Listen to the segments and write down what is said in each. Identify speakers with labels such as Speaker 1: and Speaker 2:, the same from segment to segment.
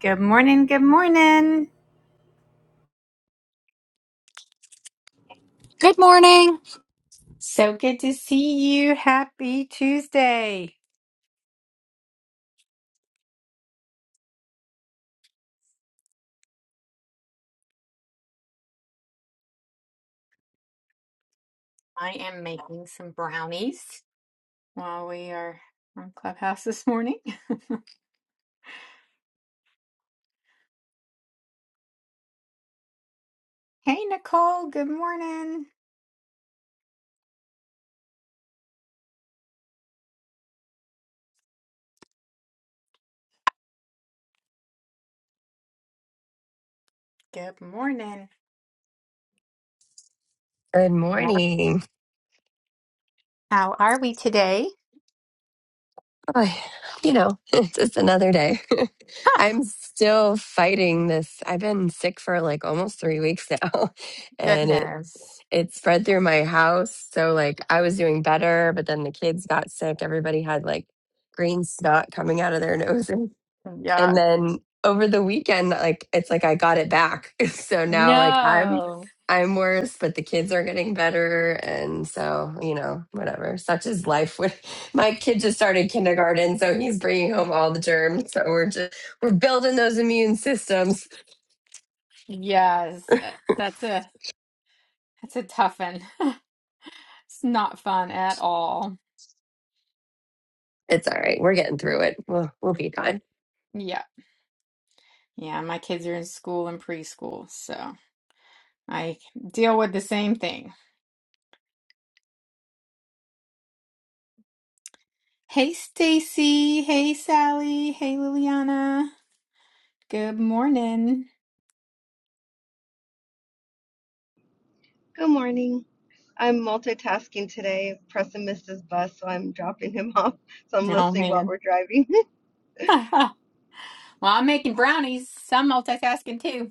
Speaker 1: Good morning. Good morning.
Speaker 2: Good morning.
Speaker 1: So good to see you. Happy Tuesday. I am making some brownies while we are on Clubhouse this morning. Hey, Nicole. Good morning. Good morning.
Speaker 3: Good morning.
Speaker 1: How are we today?
Speaker 3: Oh, you know, it's just another day.
Speaker 1: Huh,
Speaker 3: I'm still fighting this. I've been sick for like almost three weeks now, and it
Speaker 1: goodness.
Speaker 3: it spread through my house. So like I was doing better, but then the kids got sick. Everybody had like green snot coming out of their noses.
Speaker 1: Yeah.
Speaker 3: and then over the weekend like it's like i got it back so now like i'm
Speaker 1: No.
Speaker 3: i'm worse but the kids are getting better and so you know whatever such is life When my kid just started kindergarten so he's bringing home all the germs so we're just we're building those immune systems
Speaker 1: Yes. uh, That's a that's a tough one. It's not fun at all.
Speaker 3: it's all right we're getting through it we'll, we'll be
Speaker 1: Yeah.
Speaker 3: fine
Speaker 1: Yeah. Yeah. My kids are in school and preschool, so. I deal with the same thing. Hey, Stacy. Hey, Sally. Hey, Liliana. Good morning.
Speaker 4: Good morning. I'm multitasking today. Preston missed his bus, so I'm dropping him off. So I'm
Speaker 1: Oh,
Speaker 4: listening while
Speaker 1: man.
Speaker 4: we're driving.
Speaker 1: Well, I'm making brownies. So I'm multitasking too.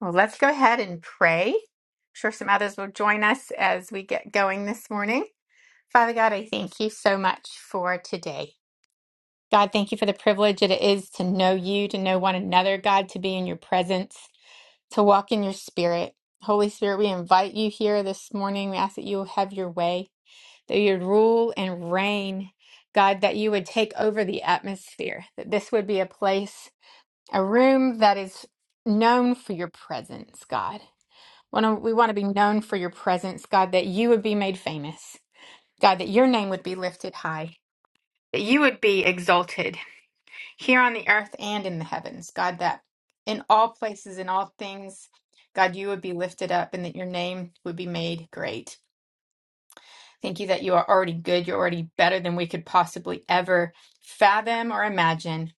Speaker 1: Well, let's go ahead and pray. I'm sure some others will join us as we get going this morning. Father God, I thank you so much for today. God, thank you for the privilege it is to know you, to know one another, God, to be in your presence. to walk in your spirit. Holy Spirit, we invite you here this morning. We ask that you will have your way, that you would rule and reign. God, that you would take over the atmosphere, that this would be a place, a room that is known for your presence, God. Wanna- We want to be known for your presence, God, that you would be made famous. God, that your name would be lifted high, that you would be exalted, here on the earth and in the heavens. God, that in all places, in all things, God, you would be lifted up and that your name would be made great. Thank you that you are already good. You're already better than we could possibly ever fathom or imagine.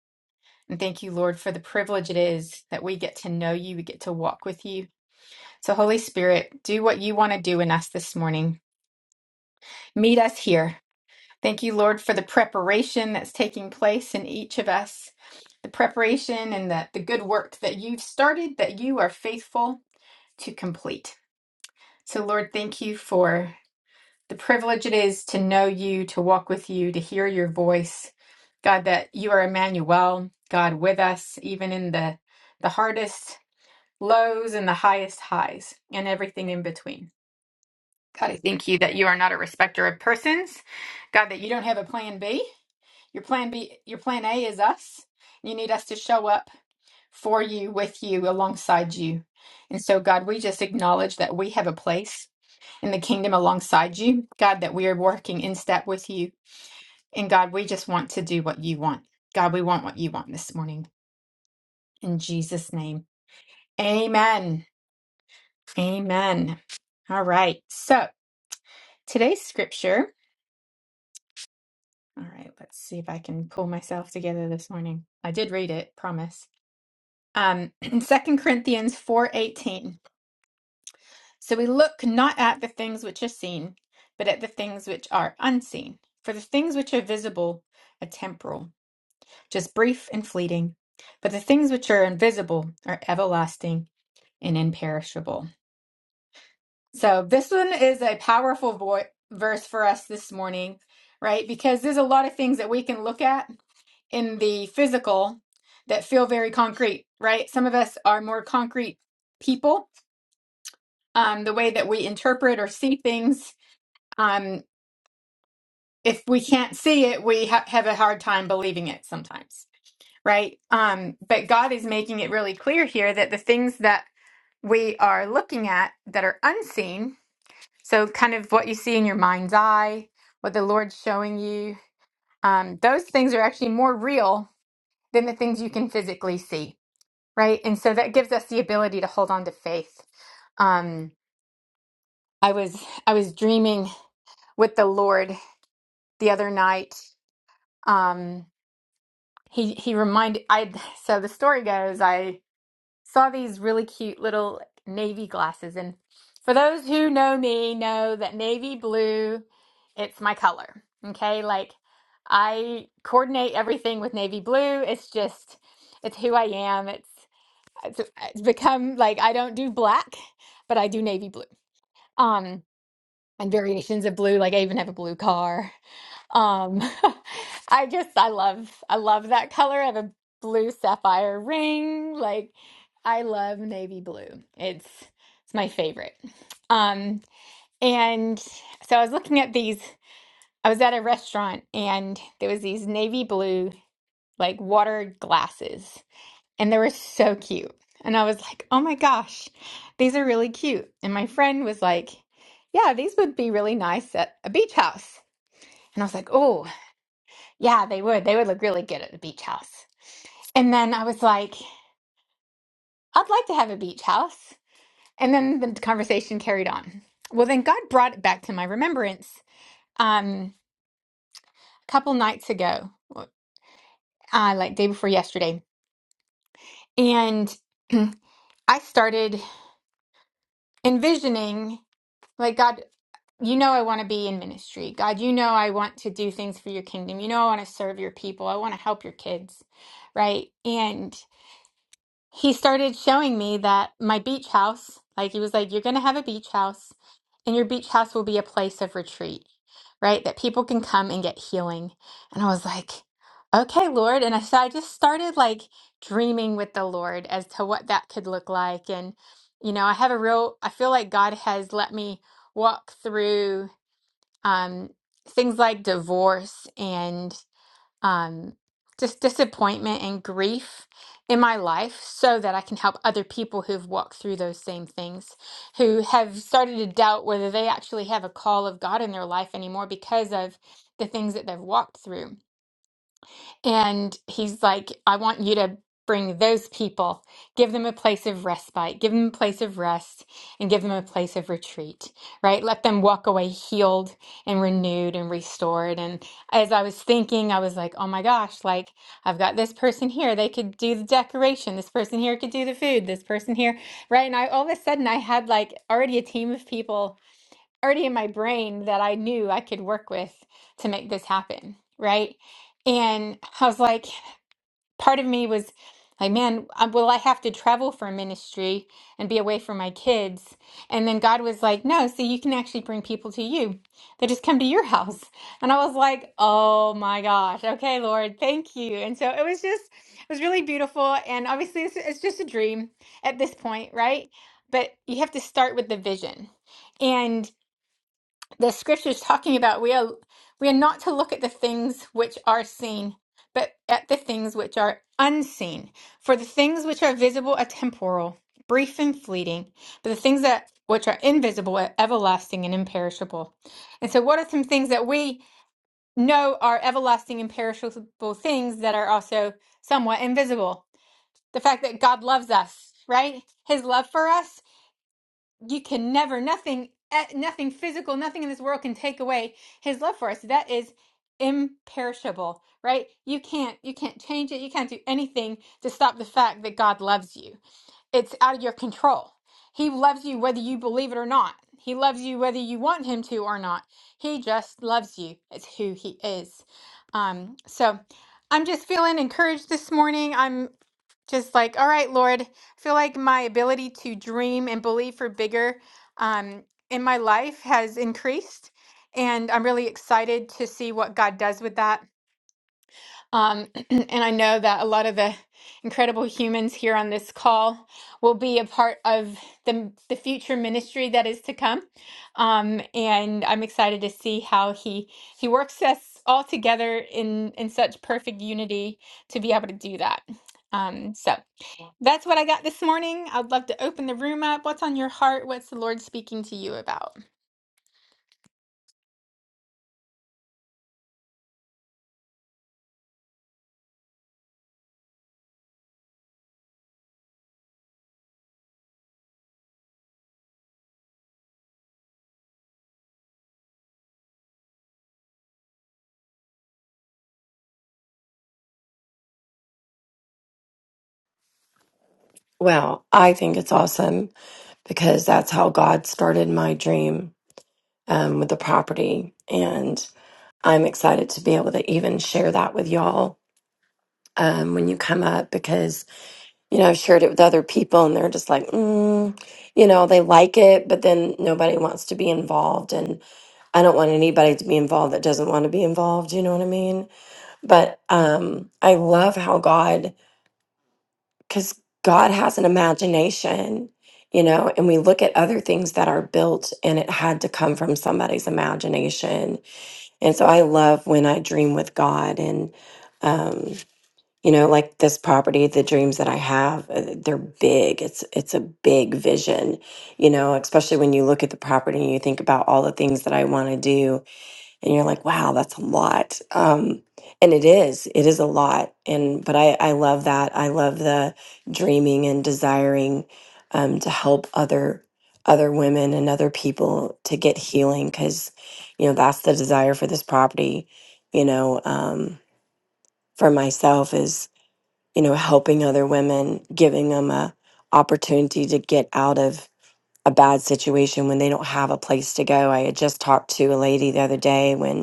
Speaker 1: And thank you, Lord, for the privilege it is that we get to know you, we get to walk with you. So, Holy Spirit, do what you want to do in us this morning. Meet us here. Thank you, Lord, for the preparation that's taking place in each of us, the preparation and the, the good work that you've started, that you are faithful to complete. So, Lord, thank you for the privilege it is to know you, to walk with you, to hear your voice. God, that you are Emmanuel, God with us, even in the, the hardest lows and the highest highs and everything in between. God, I thank you that you are not a respecter of persons. God, that you don't have a plan B. Your plan B, your plan A is us. You need us to show up for you, with you, alongside you. And so, God, we just acknowledge that we have a place in the kingdom alongside you. God, that we are working in step with you. And God, we just want to do what you want. God, we want what you want this morning. In Jesus' name. Amen. Amen. All right. So today's scripture. All right. Let's see if I can pull myself together this morning. I did read it, promise. um, in corinthians 4.18 so we look not at the things which are seen but at the things which are unseen for the things which are visible are temporal just brief and fleeting but the things which are invisible are everlasting and imperishable so this one is a powerful vo- verse for us this morning right because there's a lot of things that we can look at in the physical that feel very concrete right some of us are more concrete people um, the way that we interpret or see things. Um, if we can't see it, we ha- have a hard time believing it sometimes, right? Um, but God is making it really clear here that the things that we are looking at that are unseen, so kind of what you see in your mind's eye, what the Lord's showing you, um, those things are actually more real than the things you can physically see, right? And so that gives us the ability to hold on to faith. Um, I was I was dreaming with the Lord the other night. Um, he he reminded I so the story goes I saw these really cute little like, navy glasses, and for those who know me, know that navy blue, it's my color. Okay, like I coordinate everything with navy blue. It's just it's who I am. It's it's, it's become like I don't do black, but I do navy blue. Um, and variations of blue. Like I even have a blue car. Um, I just I love I love that color. I have a blue sapphire ring. Like I love navy blue. It's it's my favorite. Um, and so I was looking at these. I was at a restaurant and there was these navy blue like water glasses, and they were so cute. And I was like, "Oh my gosh, these are really cute." And my friend was like, "Yeah, these would be really nice at a beach house." And I was like, "Oh, yeah, they would. They would look really good at the beach house. And then I was like, I'd like to have a beach house. And then the conversation carried on. Well, then God brought it back to my remembrance um, a couple nights ago, uh, like day before yesterday. And I started envisioning, like, God, you know, I want to be in ministry. God, you know, I want to do things for your kingdom. You know, I want to serve your people. I want to help your kids. Right. And. he started showing me that my beach house, like he was like, you're going to have a beach house and your beach house will be a place of retreat, right? That people can come and get healing. And I was like, okay, Lord. And I, so I just started like dreaming with the Lord as to what that could look like. And, you know, I have a real, I feel like God has let me walk through um, things like divorce and um, just disappointment and grief in my life so that I can help other people who've walked through those same things, who have started to doubt whether they actually have a call of God in their life anymore because of the things that they've walked through. And he's like, I want you to bring those people, give them a place of respite, give them a place of rest, and give them a place of retreat, right? Let them walk away healed and renewed and restored. And as I was thinking, I was like, oh my gosh, like I've got this person here. They could do the decoration. This person here could do the food. This person here, right? And I all of a sudden I had like already a team of people already in my brain that I knew I could work with to make this happen, right? And I was like, part of me was like, man, uh, will I have to travel for ministry and be away from my kids? And then God was like, no, so you can actually bring people to you. They just come to your house. And I was like, oh my gosh, okay, Lord, thank you. And so it was just, it was really beautiful. And obviously, it's, it's just a dream at this point, right? But you have to start with the vision. And the scriptures talking about we are we are not to look at the things which are seen but at the things which are unseen for the things which are visible are temporal brief and fleeting but the things that which are invisible are everlasting and imperishable and so what are some things that we know are everlasting imperishable things that are also somewhat invisible the fact that god loves us right his love for us you can never nothing eh, nothing physical nothing in this world can take away his love for us that is imperishable right you can't you can't change it you can't do anything to stop the fact that god loves you it's out of your control he loves you whether you believe it or not he loves you whether you want him to or not he just loves you it's who he is um so i'm just feeling encouraged this morning I'm just like all right lord i feel like my ability to dream and believe for bigger um, in my life has increased and i'm really excited to see what god does with that um, and i know that a lot of the incredible humans here on this call will be a part of the, the future ministry that is to come um, and i'm excited to see how he he works us all together in in such perfect unity to be able to do that um, so that's what I got this morning. I'd love to open the room up. What's on your heart? What's the Lord speaking to you about?
Speaker 5: Well, I think it's awesome because that's how God started my dream um, with the property. And I'm excited to be able to even share that with y'all um, when you come up because, you know, I've shared it with other people and they're just like, mm, you know, they like it, but then nobody wants to be involved. And I don't want anybody to be involved that doesn't want to be involved. You know what I mean? But um, I love how God because God has an imagination, you know, and we look at other things that are built and it had to come from somebody's imagination. And so I love when I dream with God and, um, you know, like this property, the dreams that I have, uh, they're big. It's it's a big vision, you know. Especially when you look at the property and you think about all the things that I want to do, and you're like wow that's a lot um and it is it is a lot and but i i love that i love the dreaming and desiring um to help other other women and other people to get healing because you know that's the desire for this property you know um for myself is you know helping other women giving them a opportunity to get out of a bad situation when they don't have a place to go i had just talked to a lady the other day when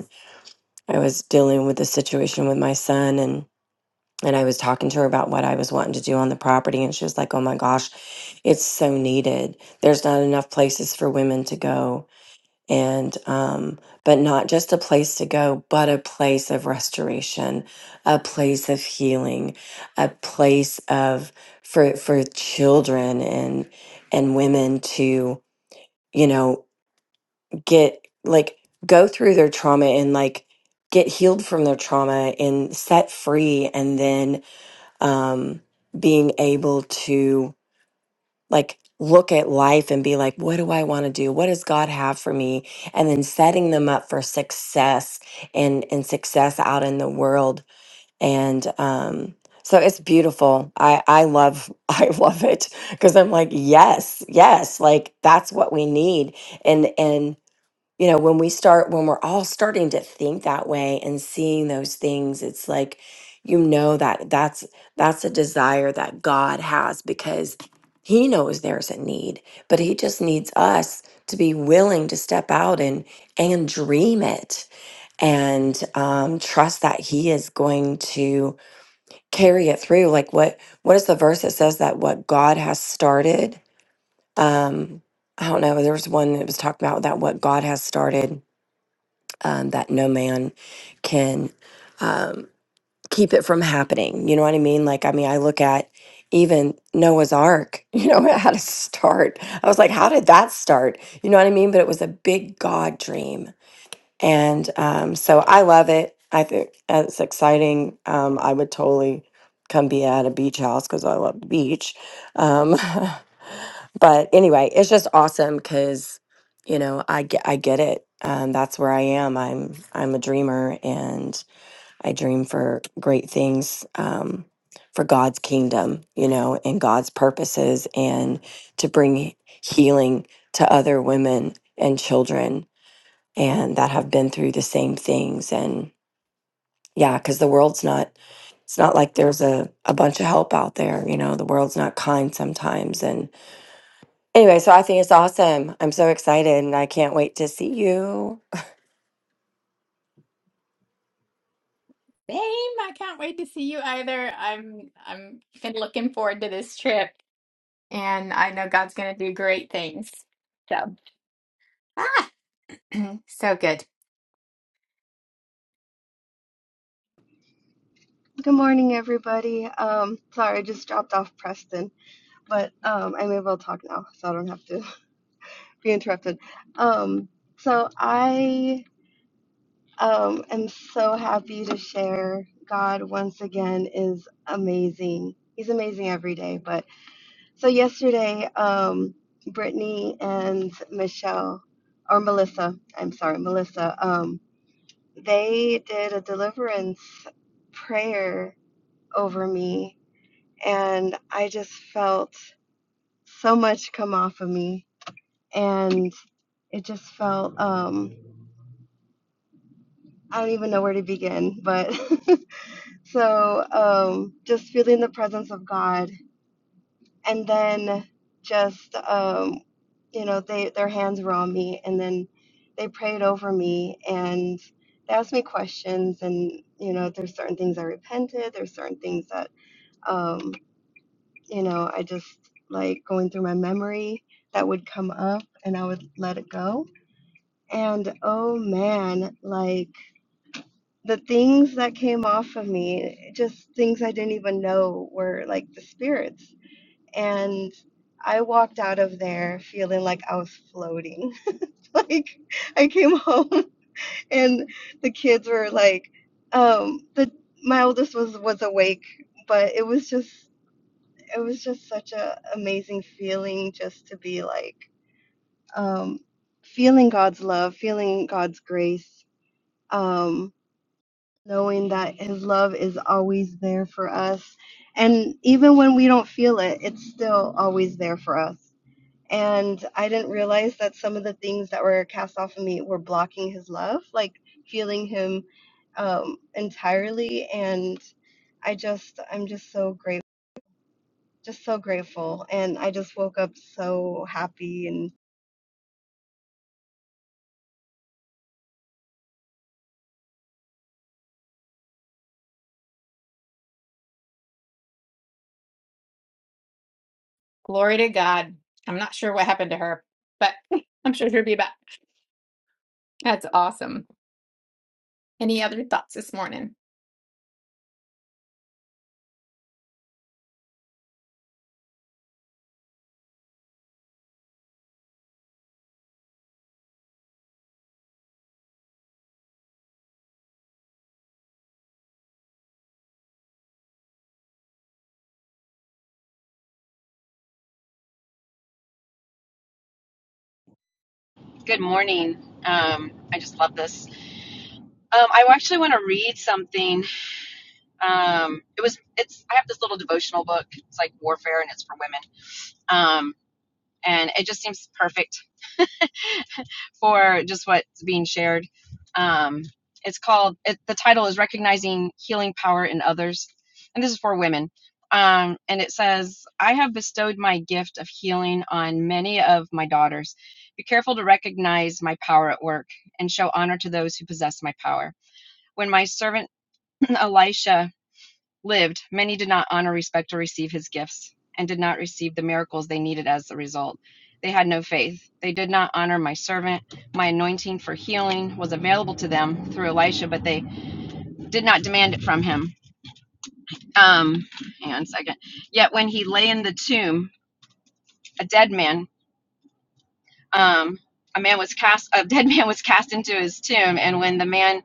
Speaker 5: I was dealing with the situation with my son and and I was talking to her about what I was wanting to do on the property and she was like, "Oh my gosh, it's so needed. There's not enough places for women to go." And um but not just a place to go, but a place of restoration, a place of healing, a place of for for children and and women to, you know, get like go through their trauma and like get healed from their trauma and set free and then um being able to like look at life and be like what do I want to do what does God have for me and then setting them up for success and and success out in the world and um so it's beautiful. I I love I love it because I'm like yes, yes, like that's what we need and and you know when we start when we're all starting to think that way and seeing those things it's like you know that that's that's a desire that god has because he knows there's a need but he just needs us to be willing to step out and and dream it and um, trust that he is going to carry it through like what what is the verse that says that what god has started um i don't know there was one that was talking about that what god has started um, that no man can um, keep it from happening. You know what I mean? Like, I mean, I look at even Noah's Ark, you know, how to start. I was like, how did that start? You know what I mean? But it was a big God dream and um, so I love it. I think it's exciting. Um, I would totally come be at a beach house because I love the beach. Um, but anyway, it's just awesome because you know I get I get it. Um, that's where I am. I'm I'm a dreamer and I dream for great things um, for God's kingdom, you know, and God's purposes, and to bring healing to other women and children and that have been through the same things and yeah because the world's not it's not like there's a, a bunch of help out there you know the world's not kind sometimes and anyway so i think it's awesome i'm so excited and i can't wait to see you
Speaker 1: Same. I can't wait to see you either. I'm I'm been looking forward to this trip and I know God's gonna do great things. So ah, so good.
Speaker 4: Good morning, everybody. Um, sorry, I just dropped off Preston, but um, I'm able to talk now, so I don't have to be interrupted. Um, so I um, am so happy to share. God, once again, is amazing. He's amazing every day, but So yesterday, um, Brittany and Michelle, or Melissa, I'm sorry, Melissa, um, they did a deliverance prayer over me, and I just felt so much come off of me, and it just felt um, I don't even know where to begin, but so um, just feeling the presence of God and then just um, you know they their hands were on me and then they prayed over me and they asked me questions and you know there's certain things i repented there's certain things that um, you know i just like going through my memory that would come up and i would let it go and oh man like the things that came off of me just things i didn't even know were like the spirits and I walked out of there feeling like I was floating. like I came home and the kids were like, um, the my oldest was was awake, but it was just it was just such a amazing feeling just to be like um, feeling God's love, feeling God's grace, um, knowing that His love is always there for us, and even when we don't feel it, it's still always there for us and I didn't realize that some of the things that were cast off of me were blocking his love, like feeling him um, entirely. And I just, I'm just so grateful, just so grateful. And I just woke up so happy and
Speaker 1: Glory to God. I'm not sure what happened to her, but I'm sure she'll be back. That's awesome. Any other thoughts this morning?
Speaker 6: Good morning. Um, I just love this. Um, I actually want to read something. Um, it was it's I have this little devotional book. It's like warfare, and it's for women. Um, and it just seems perfect for just what's being shared. Um, it's called, it, the title is Recognizing Healing Power in Others. And this is for women. Um, and it says, I have bestowed my gift of healing on many of my daughters. Be careful to recognize my power at work and show honor to those who possess my power. When my servant Elisha lived, many did not honor, respect, or receive his gifts, and did not receive the miracles they needed as the result. They had no faith. They did not honor my servant. My anointing for healing was available to them through Elisha, but they did not demand it from him. Um, hang on a second. Yet when he lay in the tomb, a dead man, um, a man was cast, a dead man was cast into his tomb, and when the man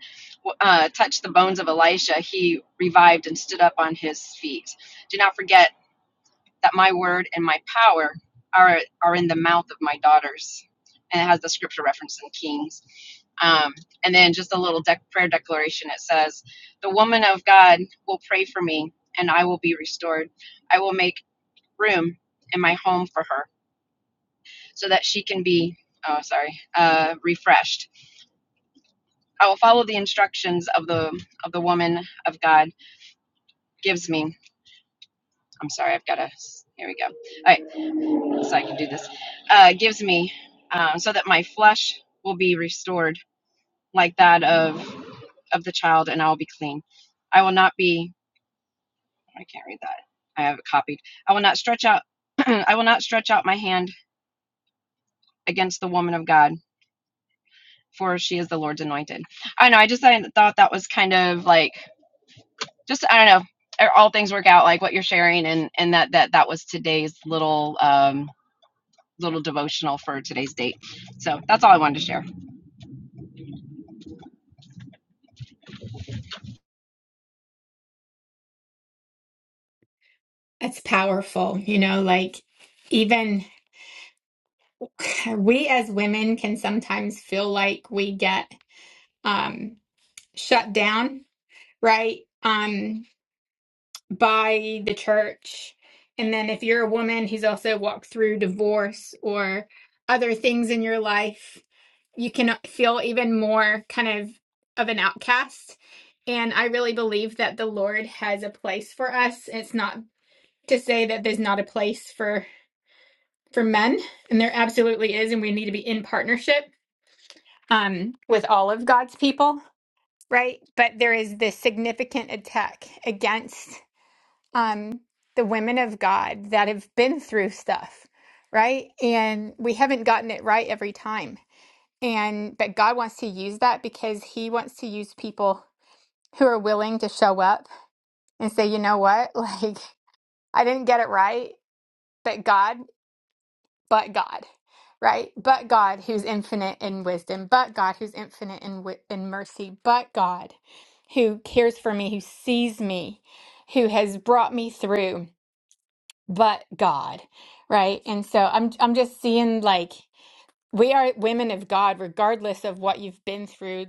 Speaker 6: uh, touched the bones of Elisha, he revived and stood up on his feet. Do not forget that my word and my power are are in the mouth of my daughters. And it has the scripture reference in Kings. Um, and then just a little dec prayer declaration. It says, "The woman of God will pray for me, and I will be restored. I will make room in my home for her, so that she can be." Oh, sorry. Uh, refreshed. I will follow the instructions of the of the woman of God gives me. I'm sorry. I've got to. Here we go. All right. so I can do this, uh, gives me, um, so that my flesh will be restored like that of of the child, and I will be clean. I will not be. I can't read that. I have it copied. I will not stretch out. I will not stretch out my hand against the woman of God, for she is the Lord's anointed. I know. I just I thought that was kind of like just I don't know. er, All things work out like what you're sharing, and and that that that was today's little um little devotional for today's date. So that's all I wanted to share.
Speaker 1: It's powerful. You know, like even we as women can sometimes feel like we get um, shut down, right? Um, by the church. And then if you're a woman who's also walked through divorce or other things in your life, you can feel even more kind of of an outcast. And I really believe that the Lord has a place for us. It's not to say that there's not a place for for men, and there absolutely is, and we need to be in partnership um, with all of God's people, right? But there is this significant attack against um, the women of God that have been through stuff, right? And we haven't gotten it right every time and but God wants to use that because he wants to use people who are willing to show up and say, "You know what? Like I didn't get it right, but God, but God." Right? But God who's infinite in wisdom, but God who's infinite in wi- in mercy, but God who cares for me, who sees me, who has brought me through, but God. Right? And so I'm I'm just seeing like we are women of God, regardless of what you've been through.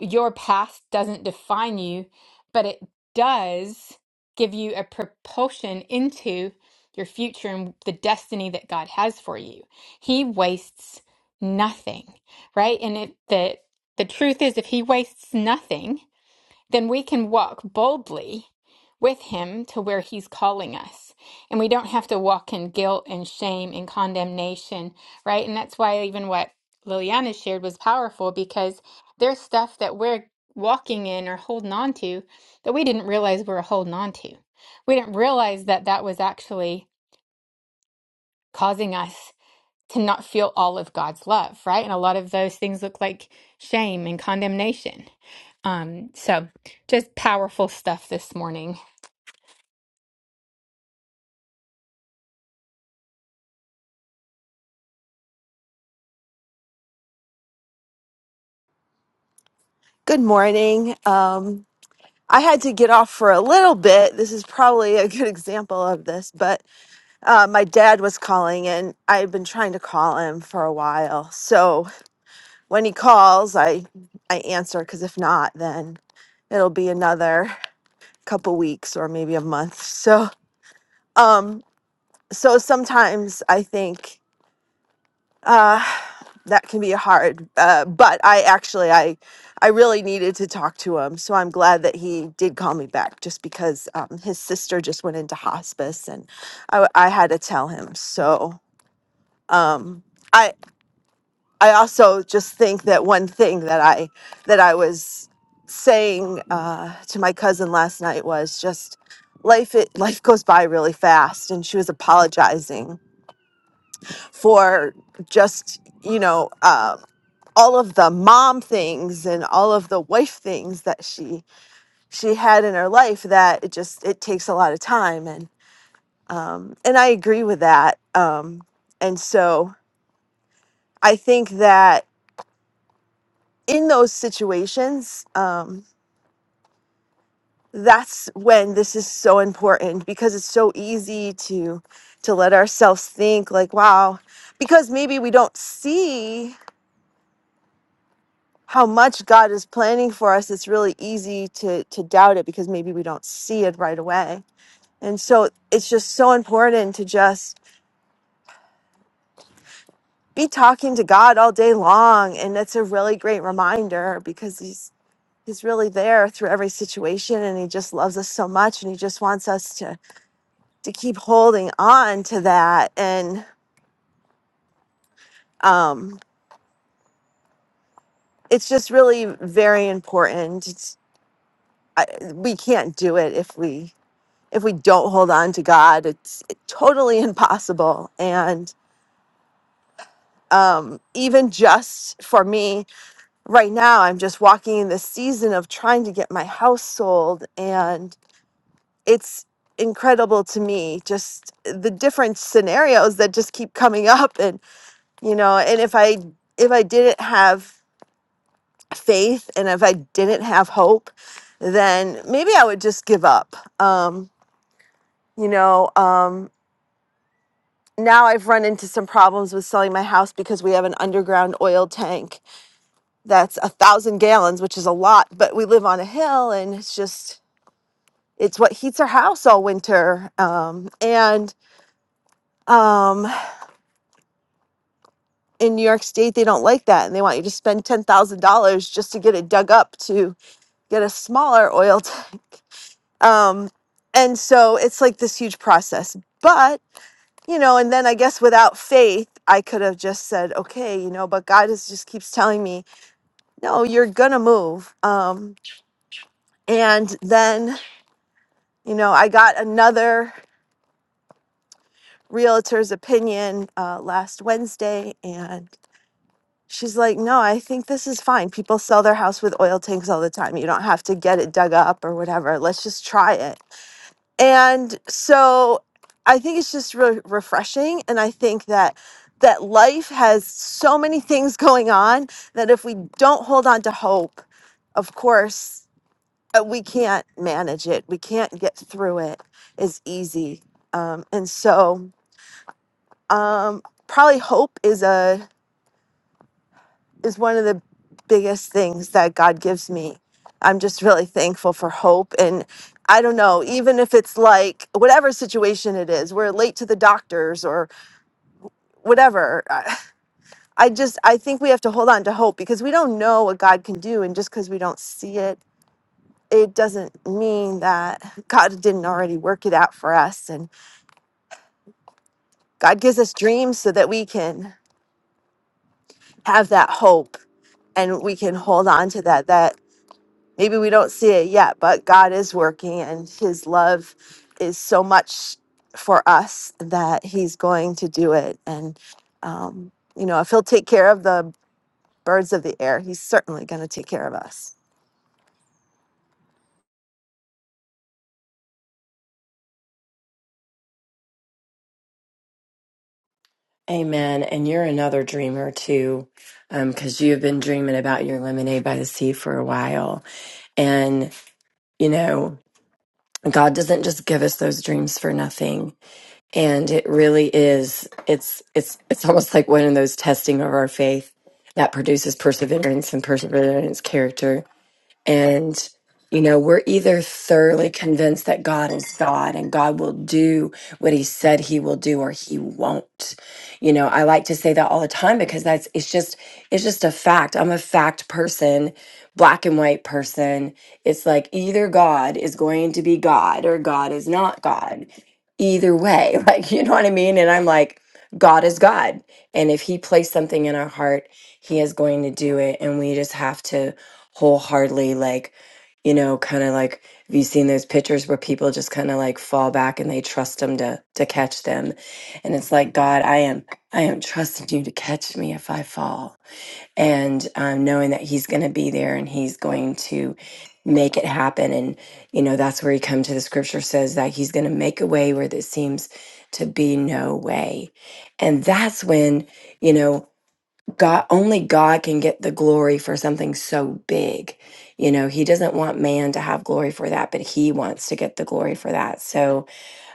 Speaker 1: your past doesn't define you, but it does give you a propulsion into your future and the destiny that God has for you. He wastes nothing, right? And it the the truth is if he wastes nothing, then we can walk boldly with him to where he's calling us. And we don't have to walk in guilt and shame and condemnation, right? And that's why even what Liliana shared was powerful because there's stuff that we're walking in or holding on to that we didn't realize we were holding on to. We didn't realize that that was actually causing us to not feel all of God's love, right? And a lot of those things look like shame and condemnation. Um, so just powerful stuff this morning.
Speaker 7: Good morning. Um, I had to get off for a little bit. This is probably a good example of this, but uh, my dad was calling and I've been trying to call him for a while. So when he calls, I, I answer because if not, then it'll be another couple weeks or maybe a month. So, um, so sometimes I think uh that can be hard uh, but i actually i i really needed to talk to him so i'm glad that he did call me back just because um, his sister just went into hospice and i, w- I had to tell him so um i i also just think that one thing that i that i was saying uh, to my cousin last night was just life it life goes by really fast and she was apologizing for just you know um all of the mom things and all of the wife things that she she had in her life that it just it takes a lot of time and um and I agree with that um and so I think that in those situations um that's when this is so important because it's so easy to to let ourselves think like wow because maybe we don't see how much God is planning for us, it's really easy to to doubt it because maybe we don't see it right away. And so it's just so important to just be talking to God all day long, and that's a really great reminder because he's he's really there through every situation and he just loves us so much and he just wants us to to keep holding on to that and um it's just really very important. It's, I, we can't do it if we if we don't hold on to God, it's totally impossible. And um, even just for me right now, I'm just walking in this season of trying to get my house sold. And it's incredible to me just the different scenarios that just keep coming up. And, you know, and if I, if I didn't have faith and if I didn't have hope, then maybe I would just give up. Um, you know, um, now I've run into some problems with selling my house because we have an underground oil tank that's a thousand gallons, which is a lot, but we live on a hill and it's just it's what heats our house all winter. Um, and um, in New York State, they don't like that, and they want you to spend ten thousand dollars just to get it dug up to get a smaller oil tank. Um, and so it's like this huge process, but you know, and then I guess without faith, I could have just said, okay, you know, but God is just keeps telling me no, you're gonna move. Um, and then, you know, I got another realtor's opinion uh, last Wednesday, and she's like, "No, I think this is fine. People sell their house with oil tanks all the time. You don't have to get it dug up or whatever. Let's just try it." And so, I think it's just really refreshing, and I think that that life has so many things going on that if we don't hold on to hope of course uh, we can't manage it. We can't get through it as easy. Um, and so, um, probably hope is a is one of the biggest things that God gives me. I'm just really thankful for hope. And I don't know, even if it's like whatever situation it is, we're late to the doctors or whatever. I I just I think we have to hold on to hope because we don't know what God can do, and just because we don't see it. It doesn't mean that God didn't already work it out for us. and God gives us dreams so that we can have that hope and we can hold on to that. That maybe we don't see it yet, but God is working and His love is so much for us that He's going to do it. And, you know, if He'll take care of the birds of the air, He's certainly going to take care of us.
Speaker 5: amen and you're another dreamer too because you've been dreaming about your lemonade by the sea for a while and you know god doesn't just give us those dreams for nothing and it really is it's it's it's almost like one of those testing of our faith that produces perseverance and perseverance character and, you know, we're either thoroughly convinced that God is God and God will do what he said he will do or he won't. You know, I like to say that all the time because that's it's just it's just a fact. I'm a fact person, black and white person. It's like either God is going to be God or God is not God. Either way, like you know what I mean? And I'm like God is God. And if he placed something in our heart, he is going to do it and we just have to wholeheartedly like you know kind of like have you seen those pictures where people just kind of like fall back and they trust him to to catch them and it's like god i am i am trusting you to catch me if i fall and um, knowing that he's going to be there and he's going to make it happen and you know that's where you come to the scripture says that he's going to make a way where there seems to be no way and that's when you know God only God can get the glory for something so big. You know, he doesn't want man to have glory for that, but he wants to get the glory for that. So,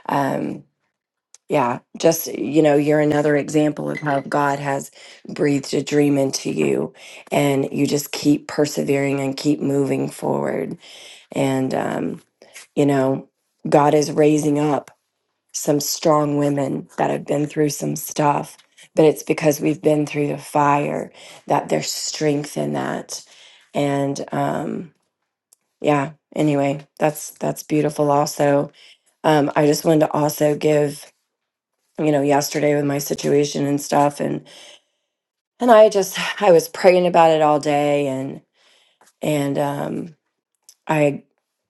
Speaker 5: um yeah, just you know, you're another example of how God has breathed a dream into you and you just keep persevering and keep moving forward and um you know, God is raising up some strong women that have been through some stuff, but it's because we've been through the fire that there's strength in that. And um, yeah, anyway, that's that's beautiful. Also, um, I just wanted to also give you know yesterday with my situation and stuff, and and I just I was praying about it all day, and and um, I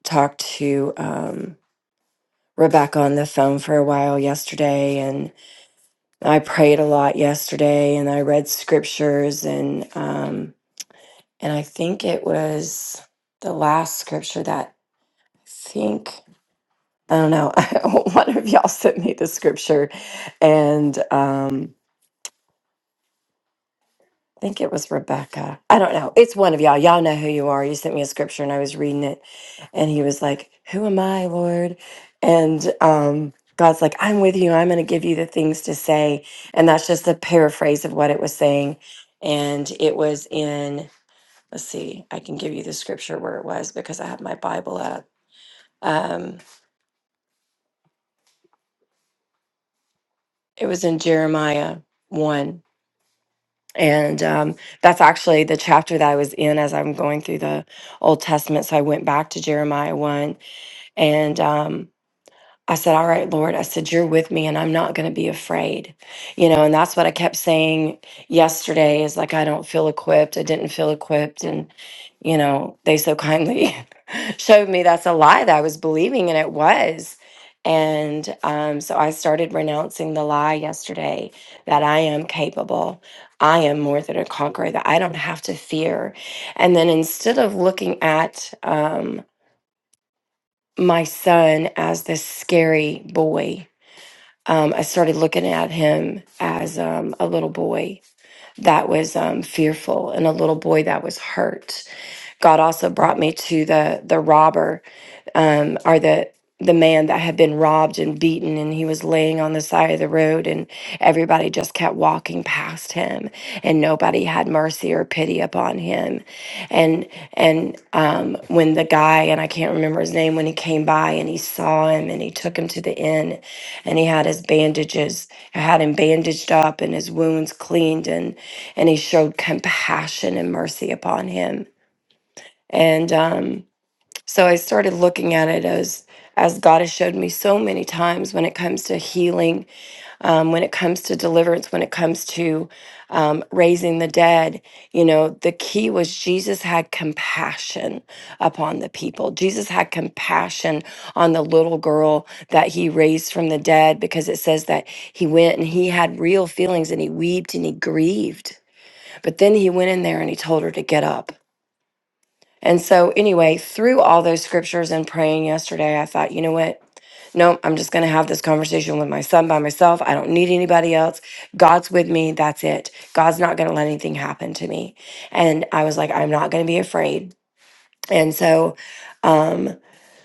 Speaker 5: talked to um, Rebecca on the phone for a while yesterday, I prayed a lot yesterday and I read scriptures and um and I think it was the last scripture that I think I don't know one of y'all sent me the scripture and um I think it was Rebecca. I don't know. It's one of y'all. Y'all know who you are. You sent me a scripture and I was reading it and he was like, "Who am I, Lord?" And um God's like, "I'm with you. I'm going to give you the things to say." And that's just a paraphrase of what it was saying. And it was in let's see. I can give you the scripture where it was because I have my Bible up. Um it was in Jeremiah 1 And um, that's actually the chapter that I was in as I'm going through the Old Testament. So I went back to Jeremiah 1 and um, I said, All right, Lord, I said, You're with me and I'm not going to be afraid. You know, and that's what I kept saying yesterday is like, I don't feel equipped. I didn't feel equipped. And, you know, they so kindly showed me that's a lie that I was believing, and it was. And um, so I started renouncing the lie yesterday that I am capable, I am more than a conqueror, that I don't have to fear. And then instead of looking at um, my son as this scary boy, um, I started looking at him as um, a little boy that was um, fearful and a little boy that was hurt God also brought me to the the robber, um, or the the man that had been robbed and beaten, and he was laying on the side of the road, and everybody just kept walking past him, and nobody had mercy or pity upon him. And and um, when the guy and I can't remember his name when he came by and he saw him and he took him to the inn, and he had his bandages, I had him bandaged up and his wounds cleaned, and and he showed compassion and mercy upon him and um, so I started looking at it as as God has showed me so many times when it comes to healing, um, when it comes to deliverance, when it comes to um, raising the dead. You know, the key was Jesus had compassion upon the people. Jesus had compassion on the little girl that he raised from the dead because it says that he went and he had real feelings and he wept and he grieved. But then he went in there and he told her to get up and so, anyway, through all those scriptures and praying yesterday, I thought, you know what? No, I'm just going to have this conversation with my son by myself. I don't need anybody else. God's with me. That's it. God's not going to let anything happen to me. And I was like, I'm not going to be afraid. And so, um,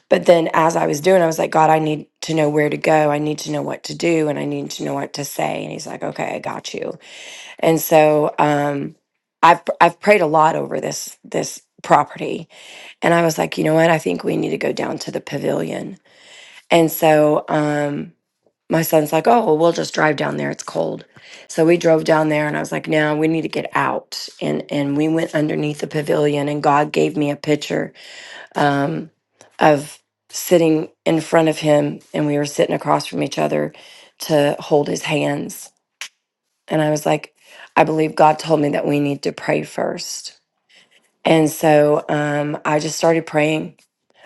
Speaker 5: but then as I was doing, I was like, God, I need to know where to go. I need to know what to do and I need to know what to say. And he's like, okay, I got you. And so, um, I've, I've prayed a lot over this, this property and I was like, you know what? I think we need to go down to the pavilion. And so um, my son's like, oh, well, we'll just drive down there. It's cold. So we drove down there and I was like, no, we need to get out. And, and we went underneath the pavilion and God gave me a picture um, of sitting in front of him and we were sitting across from each other to hold his hands. And I was like, I believe God told me that we need to pray first. And so um, I just started praying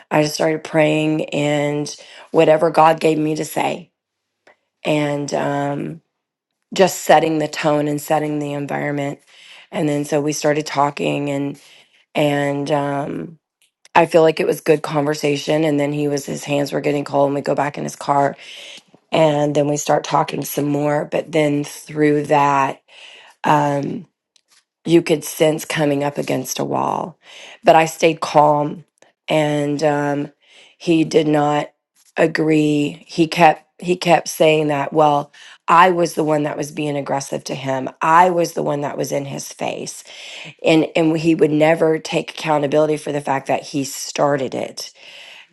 Speaker 5: I just started praying and whatever God gave me to say, and um, just setting the tone and setting the environment. And then so we started talking, and and um, I feel like it was good conversation. And then he was his hands were getting cold, and we go back in his car, and then we start talking some more. But then through that. Um, you could sense coming up against a wall. But I stayed calm, and um, he did not agree. He kept he kept saying that. Well, I was the one that was being aggressive to him. I was the one that was in his face, and and he would never take accountability for the fact that he started it,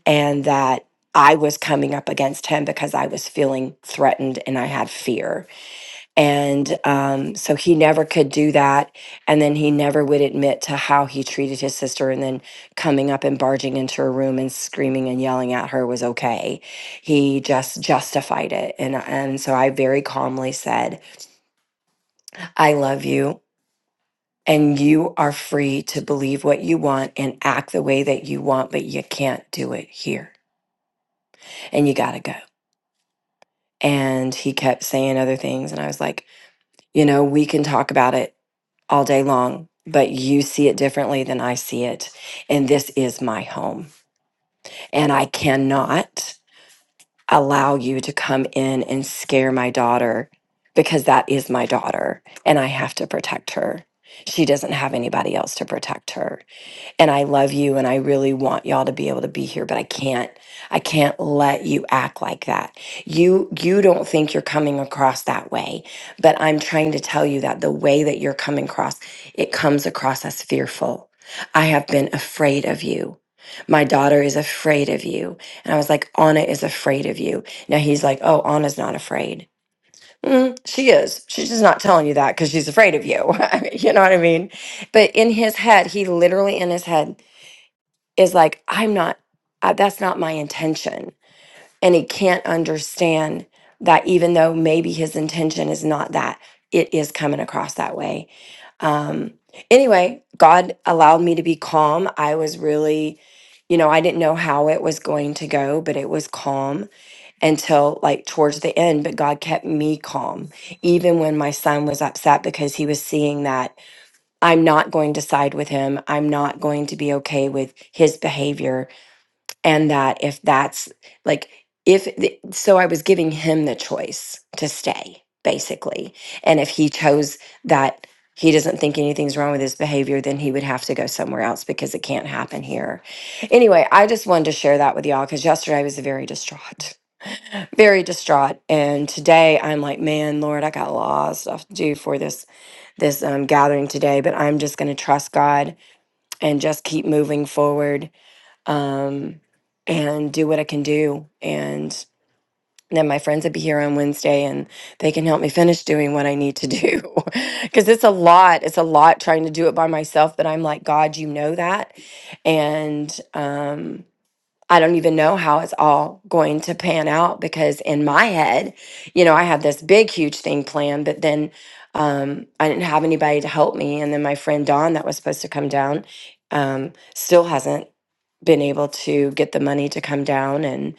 Speaker 5: and that. I was coming up against him because I was feeling threatened and I had fear and um, so he never could do that. And then he never would admit to how he treated his sister. And then coming up and barging into her room and screaming and yelling at her was okay. He just justified it. And, and so I very calmly said, I love you. And you are free to believe what you want and act the way that you want, but you can't do it here. And you got to go. And he kept saying other things. And I was like, you know, we can talk about it all day long, but you see it differently than I see it. And this is my home. And I cannot allow you to come in and scare my daughter because that is my daughter and I have to protect her. She doesn't have anybody else to protect her and I love you and I really want y'all to be able to be here, but I can't. I can't let you act like that. You you don't think you're coming across that way, but I'm trying to tell you that the way that you're coming across, it comes across as fearful. I have been afraid of you. My daughter is afraid of you. And I was like, Anna is afraid of you. Now he's like, oh, Anna's not afraid. "Mm, she is. She's just not telling you that because she's afraid of you. I mean, you know what I mean? But in his head, he literally in his head is like i'm not uh, that's not my intention and he can't understand that even though maybe his intention is not that it is coming across that way um anyway god allowed me to be calm i was really you know i didn't know how it was going to go but it was calm until like towards the end but god kept me calm even when my son was upset because he was seeing that i'm not going to side with him i'm not going to be okay with his behavior and that if that's like if the, so i was giving him the choice to stay basically and if he chose that he doesn't think anything's wrong with his behavior then he would have to go somewhere else because it can't happen here anyway i just wanted to share that with y'all because yesterday i was very distraught very distraught and today i'm like man lord i got a lot of stuff to do for this this um, gathering today but i'm just going to trust god and just keep moving forward um, and do what I can do. And then my friends would be here on Wednesday and they can help me finish doing what I need to do. Because it's a lot. It's a lot trying to do it by myself. But I'm like, God, you know that. And, um. I don't even know how it's all going to pan out because in my head, you know, I had this big, huge thing planned, but then um, I didn't have anybody to help me. And then my friend Dawn, that was supposed to come down, um, still hasn't been able to get the money to come down and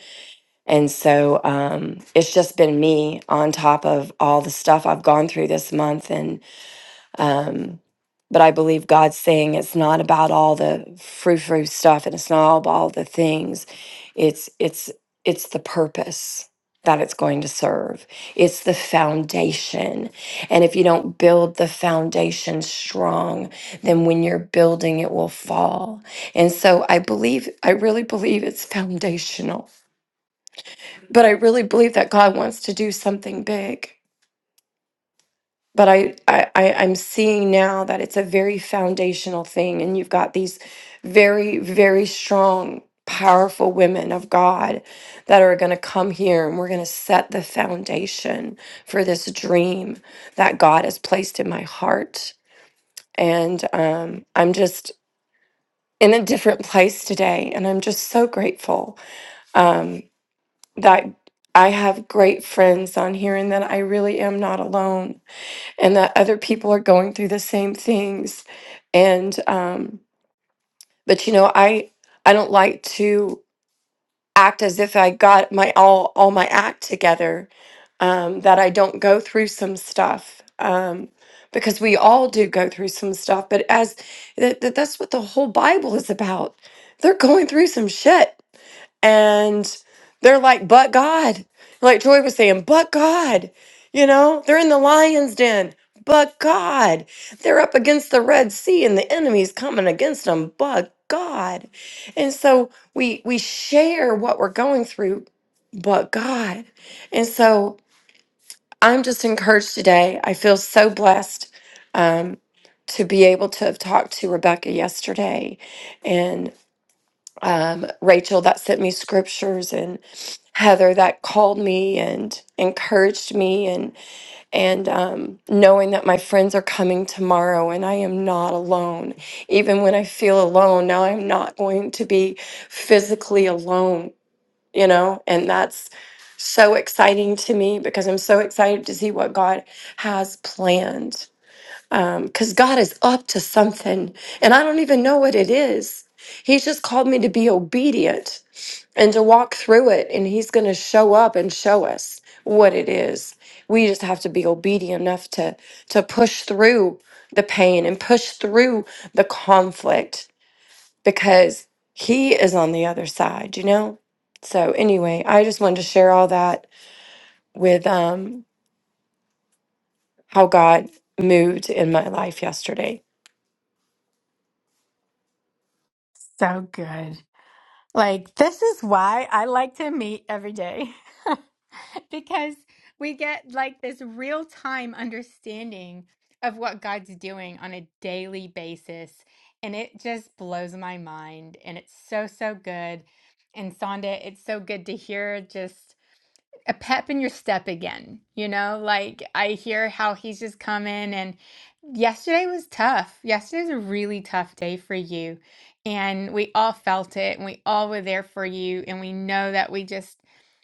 Speaker 5: and so um it's just been me on top of all the stuff I've gone through this month and. Um, but I believe God's saying it's not about all the frou frou stuff and it's not all about all the things. It's it's it's the purpose that it's going to serve. It's the foundation. And if you don't build the foundation strong, then when you're building it will fall. And so I believe I really believe it's foundational. But I really believe that God wants to do something big but I, I I I'm seeing now that it's a very foundational thing, and you've got these very very strong, powerful women of God that are going to come here, and we're going to set the foundation for this dream that God has placed in my heart, and um, I'm just in a different place today, and I'm just so grateful um, that. I have great friends on here, and that I really am not alone and that other people are going through the same things and um but you know i i don't like to act as if i got my all all my act together um that i don't go through some stuff um because we all do go through some stuff but as that, that- that's what the whole bible is about they're going through some shit and they're like, but God, like Troy was saying, but God, you know, they're in the lion's den, but God, they're up against the Red Sea and the enemy's coming against them, but God. And so we we share what we're going through, but God. And so I'm just encouraged today. I feel so blessed um, to be able to have talked to Rebecca yesterday um, Rachel that sent me scriptures and Heather that called me and encouraged me and and um, knowing that my friends are coming tomorrow and I am not alone. Even when I feel alone, now I'm not going to be physically alone. You know, and that's so exciting to me because I'm so excited to see what God has planned. Because God is up to something, and I don't even know what it is. He's just called me to be obedient and to walk through it and he's going to show up and show us what it is we just have to be obedient enough to to push through the pain and push through the conflict because he is on the other side you know so anyway i just wanted to share all that with um how god moved in my life yesterday
Speaker 1: So good. Like, this is why I like to meet every day because we get like this real time understanding of what God's doing on a daily basis. And it just blows my mind. And it's so, so good. And Sonda, it's so good to hear just a pep in your step again. You know, like I hear how he's just coming and yesterday was tough. Yesterday's a really tough day for you. And we all felt it and we all were there for you. And we know that we just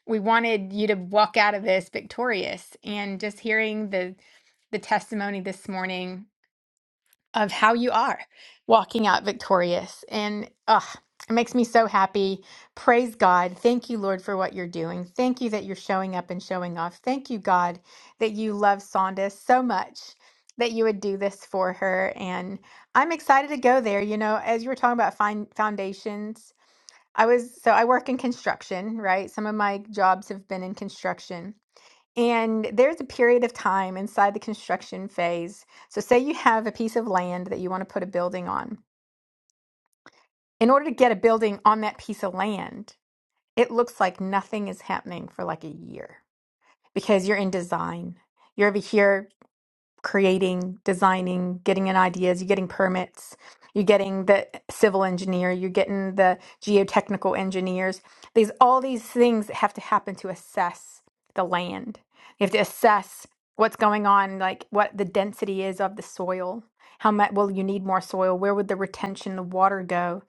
Speaker 1: we wanted you to walk out of this victorious and just hearing the the testimony this morning of how you are walking out victorious. And ugh, it makes me so happy. Praise God. Thank you, Lord, for what you're doing. Thank you that you're showing up and showing off. Thank you, God, that you love Sonda so much that you would do this for her. And I'm excited to go there. You know, as you were talking about fine foundations, I was so I work in construction, right? Some of my jobs have been in construction. And there's a period of time inside the construction phase. So, say you have a piece of land that you want to put a building on. In order to get a building on that piece of land, it looks like nothing is happening for like a year because you're in design. You're over here creating, designing, getting in ideas, you're getting permits, you're getting the civil engineer, you're getting the geotechnical engineers. These all these things that have to happen to assess the land. You have to assess what's going on, like what the density is of the soil. How much will you need more soil? Where would the retention of water go?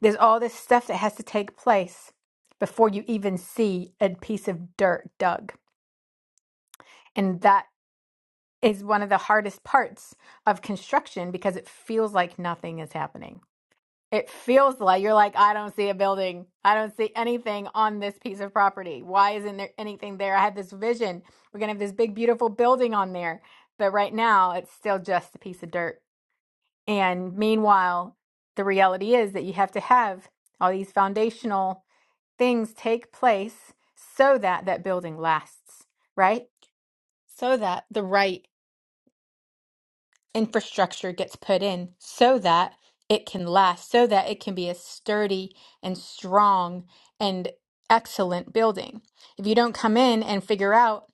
Speaker 1: There's all this stuff that has to take place before you even see a piece of dirt dug. And that is one of the hardest parts of construction because it feels like nothing is happening. It feels like you're like, I don't see a building. I don't see anything on this piece of property. Why isn't there anything there? I had this vision. We're going to have this big, beautiful building on there. But right now, it's still just a piece of dirt. And meanwhile, the reality is that you have to have all these foundational things take place so that that building lasts, right? So that the right infrastructure gets put in so that it can last, so that it can be a sturdy and strong and excellent building. If you don't come in and figure out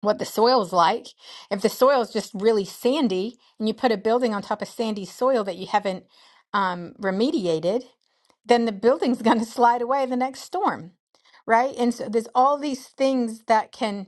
Speaker 1: what the soil's like, if the soil is just really sandy and you put a building on top of sandy soil that you haven't um, remediated, then the building's going to slide away the next storm, right? And so there's all these things that can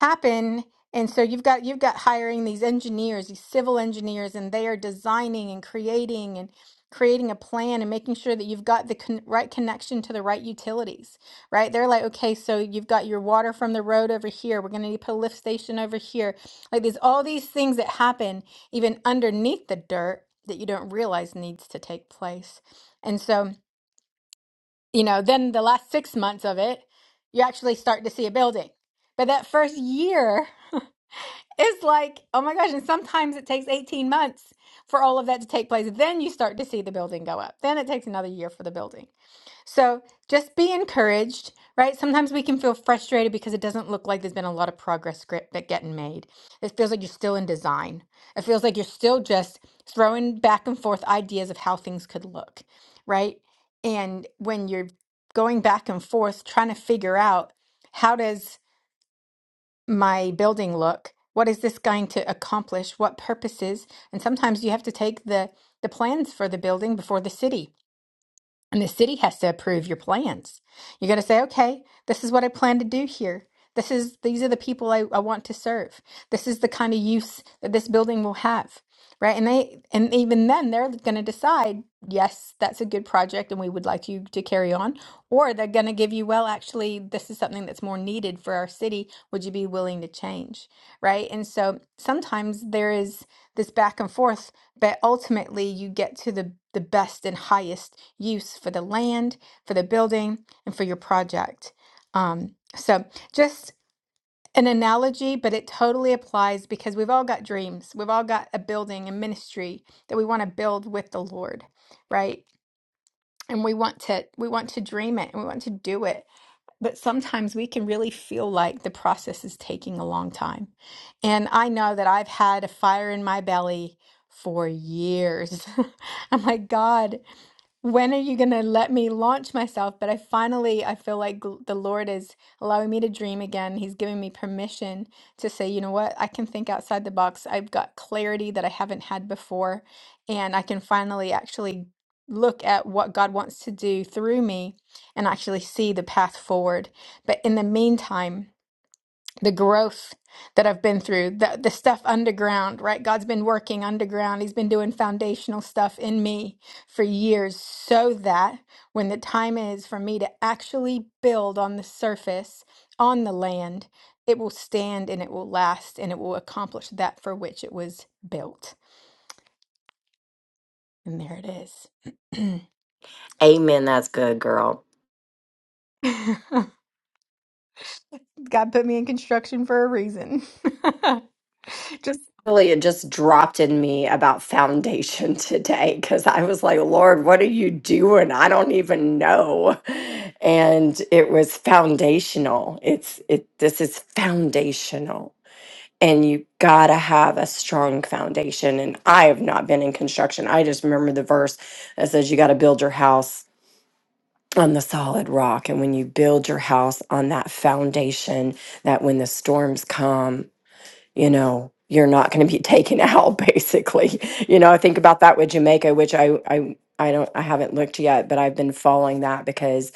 Speaker 1: happen and so you've got you've got hiring these engineers these civil engineers and they are designing and creating and creating a plan and making sure that you've got the con- right connection to the right utilities right they're like okay so you've got your water from the road over here we're going to need to put a lift station over here like there's all these things that happen even underneath the dirt that you don't realize needs to take place and so you know then the last six months of it you actually start to see a building but that first year it's like, oh my gosh. And sometimes it takes 18 months for all of that to take place. Then you start to see the building go up. Then it takes another year for the building. So just be encouraged, right? Sometimes we can feel frustrated because it doesn't look like there's been a lot of progress script that getting made. It feels like you're still in design. It feels like you're still just throwing back and forth ideas of how things could look, right? And when you're going back and forth trying to figure out how does my building look? What is this going to accomplish? What purposes? And sometimes you have to take the the plans for the building before the city and the city has to approve your plans. You got to say, okay, this is what I plan to do here. This is these are the people I, I want to serve. This is the kind of use that this building will have. Right. And they and even then they're gonna decide, yes, that's a good project and we would like you to carry on. Or they're gonna give you, well, actually, this is something that's more needed for our city. Would you be willing to change? Right. And so sometimes there is this back and forth, but ultimately you get to the, the best and highest use for the land, for the building, and for your project. Um, so just an analogy, but it totally applies because we've all got dreams. We've all got a building, a ministry that we want to build with the Lord, right? And we want to we want to dream it and we want to do it but sometimes we can really feel like the process is taking a long time. And I know that I've had a fire in my belly for years. I'm like, God, when are you going to let me launch myself? But I finally, I feel like gl- the Lord is allowing me to dream again. He's giving me permission to say, you know what? I can think outside the box. I've got clarity that I haven't had before. And I can finally actually look at what God wants to do through me and actually see the path forward. But in the meantime, the growth that I've been through, the, the stuff underground, right? God's been working underground. He's been doing foundational stuff in me for years so that when the time is for me to actually build on the surface, on the land, it will stand and it will last and it will accomplish that for which it was built. And there it is.
Speaker 5: Amen. That's good, girl.
Speaker 1: God put me in construction for a reason. just
Speaker 5: Really, it just dropped in me about foundation today because I was like, Lord, what are you doing? I don't even know. And it was foundational. It's it this is foundational. And you gotta have a strong foundation. And I have not been in construction. I just remember the verse that says you gotta build your house on the solid rock. And when you build your house on that foundation, that when the storms come, you know, you're not going to be taken out basically. You know, I think about that with Jamaica, which I I I don't I haven't looked yet, but I've been following that because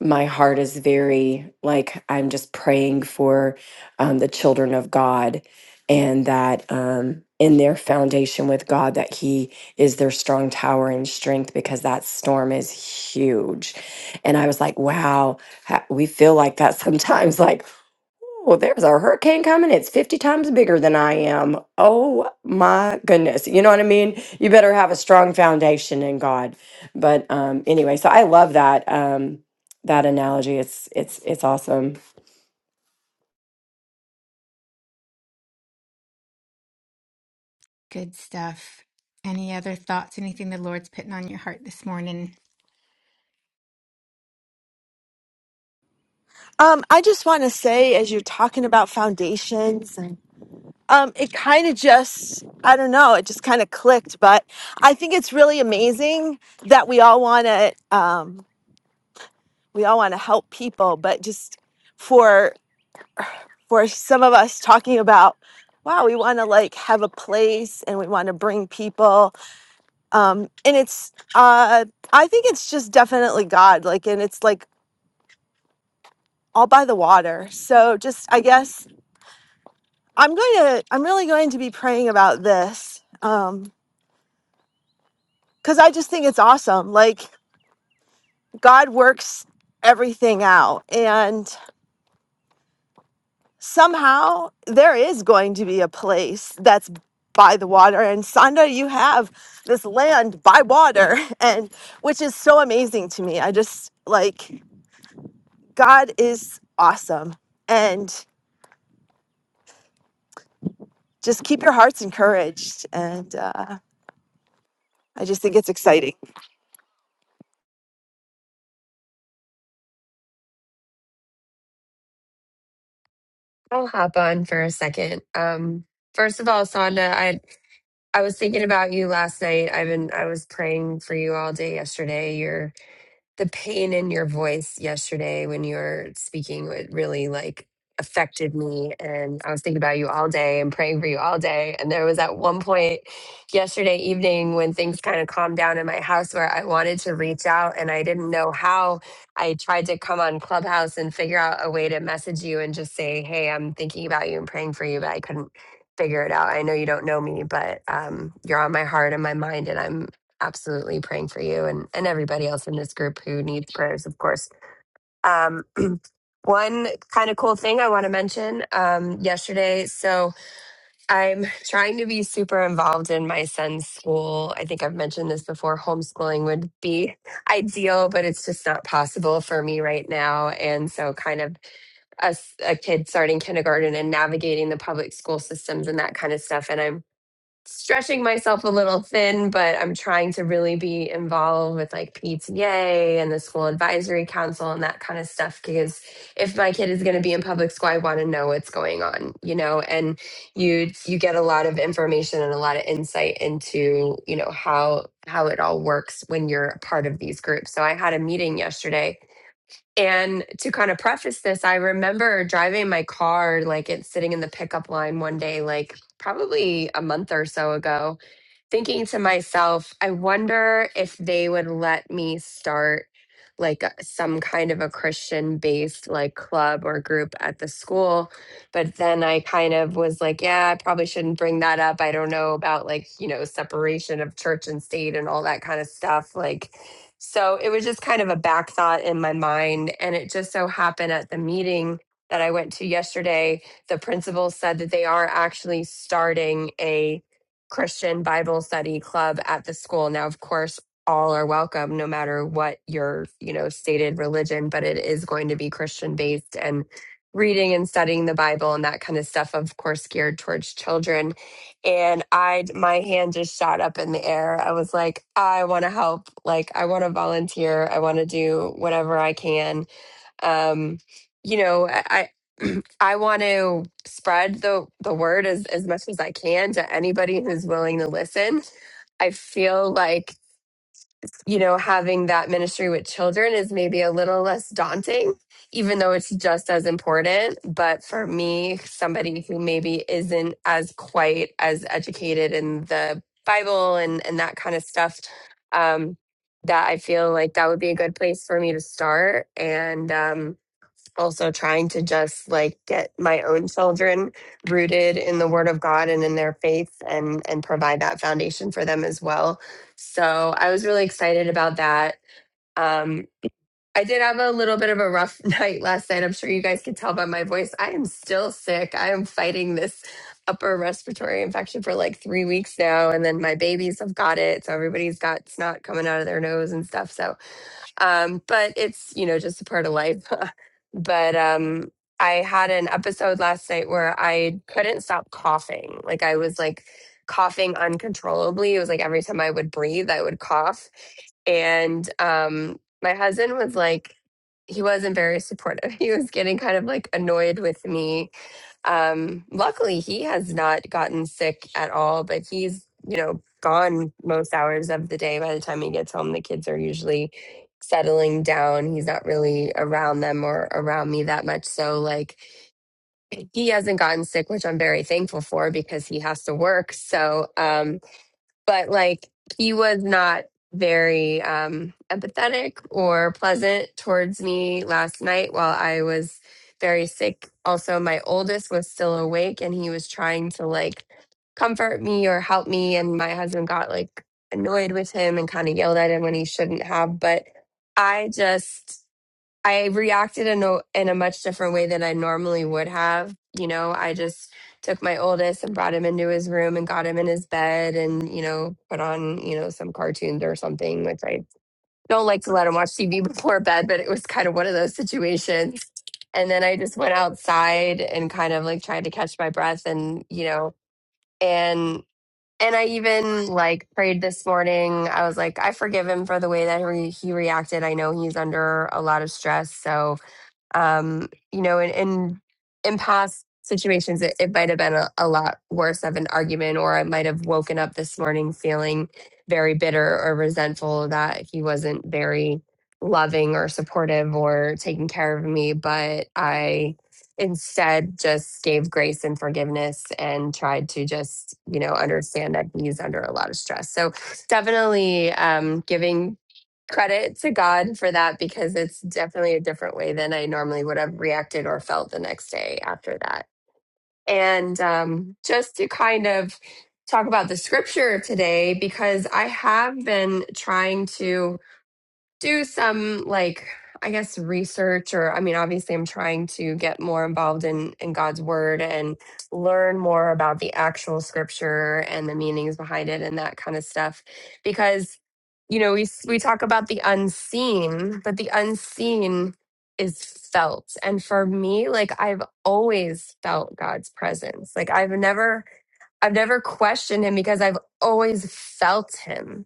Speaker 5: my heart is very like I'm just praying for um, the children of God and that um, in their foundation with God that He is their strong tower and strength because that storm is huge. And I was like, wow, ha- we feel like that sometimes. Like Oh, there's a hurricane coming. It's 50 times bigger than I am. Oh my goodness. You know what I mean? You better have a strong foundation in God. But um anyway, so I love that um that analogy. It's it's it's awesome.
Speaker 1: Good stuff. Any other thoughts? Anything the Lord's putting on your heart this morning?
Speaker 7: Um, I just want to say, as you're talking about foundations um, it kind of just i don't know it just kind of clicked but i think it's really amazing that we all want to um, we all want to help people but just for for some of us talking about wow we want to like have a place and we want to bring people um, and it's uh, i think it's just definitely god like and it's like all by the water so just i guess i'm going to i'm really going to be praying about this um, because I just think it's awesome. Like God works everything out. And somehow there is going to be a place that's by the water. And Sanda, you have this land by water, and which is so amazing to me. I just like God is awesome. And just keep your hearts encouraged. And uh, I just think it's exciting.
Speaker 3: i'll hop on for a second um first of all sonda i i was thinking about you last night i've been i was praying for you all day yesterday You're the pain in your voice yesterday when you were speaking would really like affected me and i was thinking about you all day and praying for you all day and there was at one point yesterday evening when things kind of calmed down in my house where i wanted to reach out and i didn't know how i tried to come on clubhouse and figure out a way to message you and just say hey i'm thinking about you and praying for you but i couldn't figure it out i know you don't know me but um, you're on my heart and my mind and i'm absolutely praying for you and, and everybody else in this group who needs prayers, of course. Um, one kind of cool thing I want to mention um, yesterday. So I'm trying to be super involved in my son's school. I think I've mentioned this before. Homeschooling would be ideal, but it's just not possible for me right now. And so, kind of a, s- a kid starting kindergarten and navigating the public school systems and that kind of stuff. And I'm stretching myself a little thin, but I'm trying to really be involved with like PTA and the school advisory council and that kind of stuff. Because if my kid is going to be in public school, I want to know what's going on, you know. And you you get a lot of information and a lot of insight into you know how how it all works when you're a part of these groups. So I had a meeting yesterday and to kind of preface this, I remember driving my car, like it's sitting in the pickup line one day, like probably a month or so ago, thinking to myself, I wonder if they would let me start like a- some kind of a Christian based like club or group at the school. But then I kind of was like, yeah, I probably shouldn't bring that up. I don't know about like, you know, separation of church and state and all that kind of stuff. Like, so it was just kind of a back thought in my mind. And it just so happened at the meeting that I went to yesterday, the principal said that they are actually starting a Christian Bible study club at the school. Now, of course, all are welcome no matter what your, you know, stated religion, but it is going to be Christian based and reading and studying the Bible and that kind of stuff, of course, geared towards children and I my hand just shot up in the air. I was like, I want to help. Like I want to volunteer. I want to do whatever I can. Um, you know, I I I want to spread the the word as as much as I can to anybody who's willing to listen. I feel like you know, having that ministry with children is maybe a little less daunting, even though it's just as important. But for me, somebody who maybe isn't as quite as educated in the Bible and, and that kind of stuff, um, that I feel like that would be a good place for me to start. And, um, also trying to just like get my own children rooted in the word of god and in their faith and and provide that foundation for them as well so i was really excited about that um i did have a little bit of a rough night last night i'm sure you guys could tell by my voice i am still sick i am fighting this upper respiratory infection for like three weeks now and then my babies have got it so everybody's got snot coming out of their nose and stuff so um, but it's you know just a part of life. but um, I had an episode last night where I couldn't stop coughing. Like I was like coughing uncontrollably. It was like every time I would breathe, I would cough, and um, my husband was like, he wasn't very supportive. He was getting kind of like annoyed with me um, luckily, he has not gotten sick at all, but he's, you know, gone most hours of the day. By the time he gets home, the kids are usually settling down. He's not really around them or around me that much. So, like, he hasn't gotten sick, which I'm very thankful for because he has to work. So, um, but like he was not very um empathetic or pleasant towards me last night while I was very sick. Also, my oldest was still awake and he was trying to like comfort me or help me and my husband got like annoyed with him and kind of yelled at him when he shouldn't have, but I just I reacted in a in a much different way than I normally would have. You know, I just took my oldest and brought him into his room and got him in his bed and, you know, put on, you know, some cartoons or something, which I don't like to let him watch TV before bed, but it was kind of one of those situations. And then I just went outside and kind of like tried to catch my breath and, you know, and and I even like prayed this morning. I was like, I forgive him for the way that he, he reacted. I know he's under a lot of stress, so um, you know, in, in in past situations, it, it might have been a, a lot worse of an argument, or I might have woken up this morning feeling very bitter or resentful that he wasn't very loving or supportive or taking care of me. But I instead just gave grace and forgiveness and tried to just you know understand that he's under a lot of stress so definitely um giving credit to God for that because it's definitely a different way than I normally would have reacted or felt the next day after that. And um, just to kind of talk about the scripture today, because I have been trying to do some like i guess research or i mean obviously i'm trying to get more involved in in god's word and learn more about the actual scripture and the meanings behind it and that kind of stuff because you know we s- we talk about the unseen but the unseen is felt and for me like i've always felt god's presence like i've never i've never questioned him because i've always felt him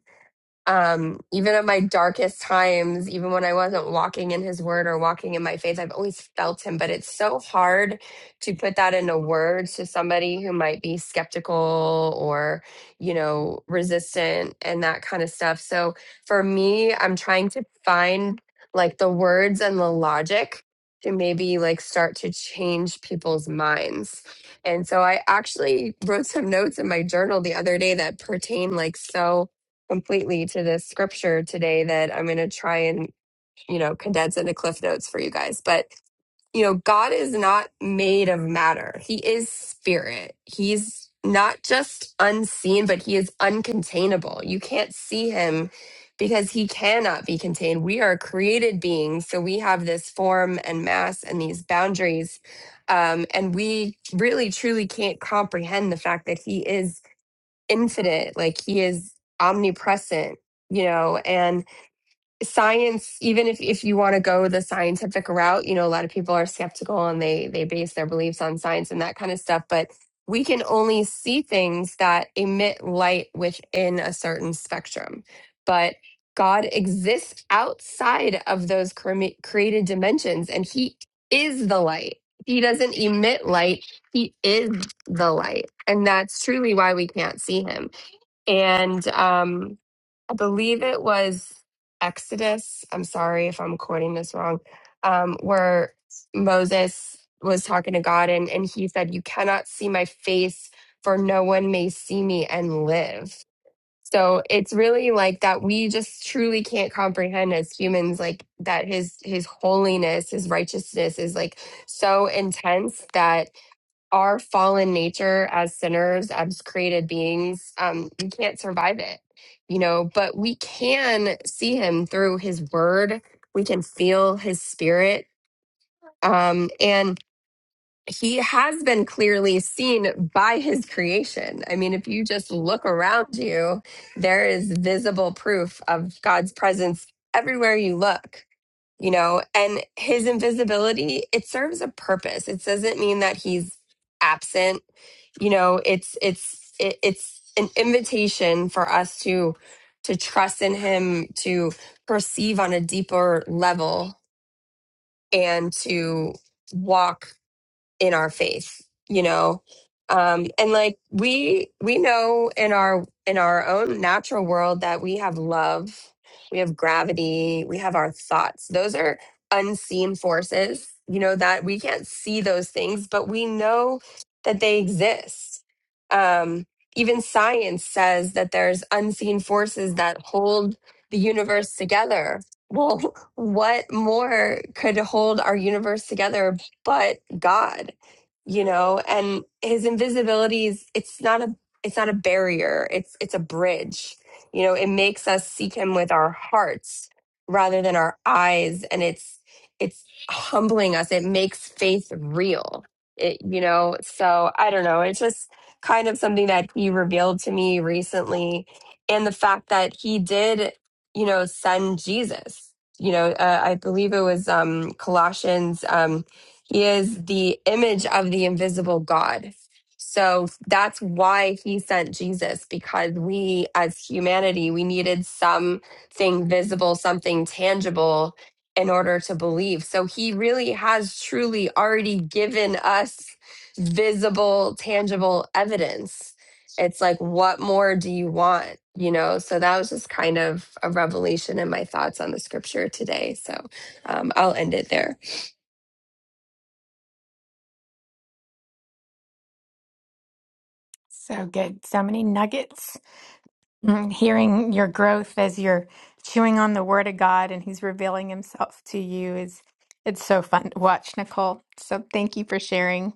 Speaker 3: um, even in my darkest times, even when I wasn't walking in his word or walking in my faith, I've always felt him. But it's so hard to put that into words to somebody who might be skeptical or, you know, resistant and that kind of stuff. So for me, I'm trying to find like the words and the logic to maybe like start to change people's minds. And so I actually wrote some notes in my journal the other day that pertain like so completely to this scripture today that I'm going to try and, you know, condense into cliff notes for you guys. But, you know, God is not made of matter. He is spirit. He's not just unseen, but he is uncontainable. You can't see him because he cannot be contained. We are created beings, so we have this form and mass and these boundaries. Um, and we really truly can't comprehend the fact that he is infinite like he is omnipresent you know and science even if if you want to go the scientific route you know a lot of people are skeptical and they they base their beliefs on science and that kind of stuff but we can only see things that emit light within a certain spectrum but god exists outside of those cre- created dimensions and he is the light he doesn't emit light he is the light and that's truly why we can't see him and um, I believe it was Exodus. I'm sorry if I'm quoting this wrong, um, where Moses was talking to God and, and he said, You cannot see my face, for no one may see me and live. So it's really like that we just truly can't comprehend as humans like that his his holiness, his righteousness is like so intense that our fallen nature as sinners, as created beings, um, we can't survive it, you know, but we can see him through his word. We can feel his spirit. Um, and he has been clearly seen by his creation. I mean, if you just look around you, there is visible proof of God's presence everywhere you look you know and his invisibility it serves a purpose it doesn't mean that he's absent you know it's it's it, it's an invitation for us to to trust in him to perceive on a deeper level and to walk in our faith you know um and like we we know in our in our own natural world that we have love we have gravity we have our thoughts those are unseen forces you know that we can't see those things but we know that they exist um even science says that there's unseen forces that hold the universe together well what more could hold our universe together but God, you know, and his invisibility is it's not a it's not a barrier. It's it's a bridge. You know, it makes us seek him with our hearts rather than our eyes and it's it's humbling us. It makes faith real. It you know, so I don't know. It's just kind of something that he revealed to me recently and the fact that he did, you know, send Jesus. You know, uh, I believe it was um Colossians um he is the image of the invisible God. So that's why he sent Jesus, because we as humanity, we needed something visible, something tangible in order to believe. So he really has truly already given us visible, tangible evidence. It's like, what more do you want? You know, so that was just kind of a revelation in my thoughts on the scripture today. So um, I'll end it there.
Speaker 1: So good. So many nuggets. Mm, Hearing your growth as you're chewing on the Word of God and He's revealing Himself to you is it's so fun to watch, Nicole. So thank you for sharing.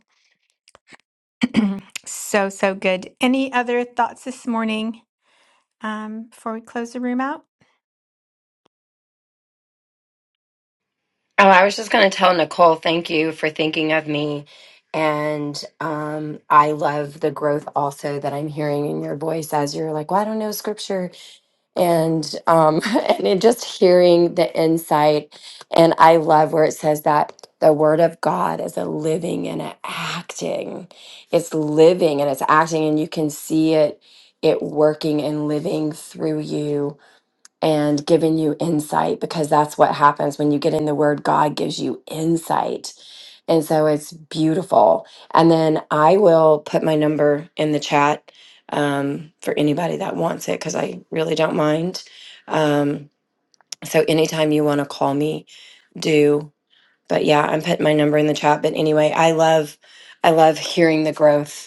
Speaker 1: so so good. Any other thoughts this morning um, before we close the room out?
Speaker 5: Oh, I was just going to tell Nicole, thank you for thinking of me. And um, I love the growth also that I'm hearing in your voice as you're like, well, I don't know scripture. and um and in just hearing the insight and i love where it says that the word of god is a living and a acting it's living and it's acting and you can see it it working and living through you and giving you insight because that's what happens when you get in the word god gives you insight and so it's beautiful and then i will put my number in the chat um, for anybody that wants it because i really don't mind um, so anytime you want to call me do but yeah i'm putting my number in the chat but anyway i love i love hearing the growth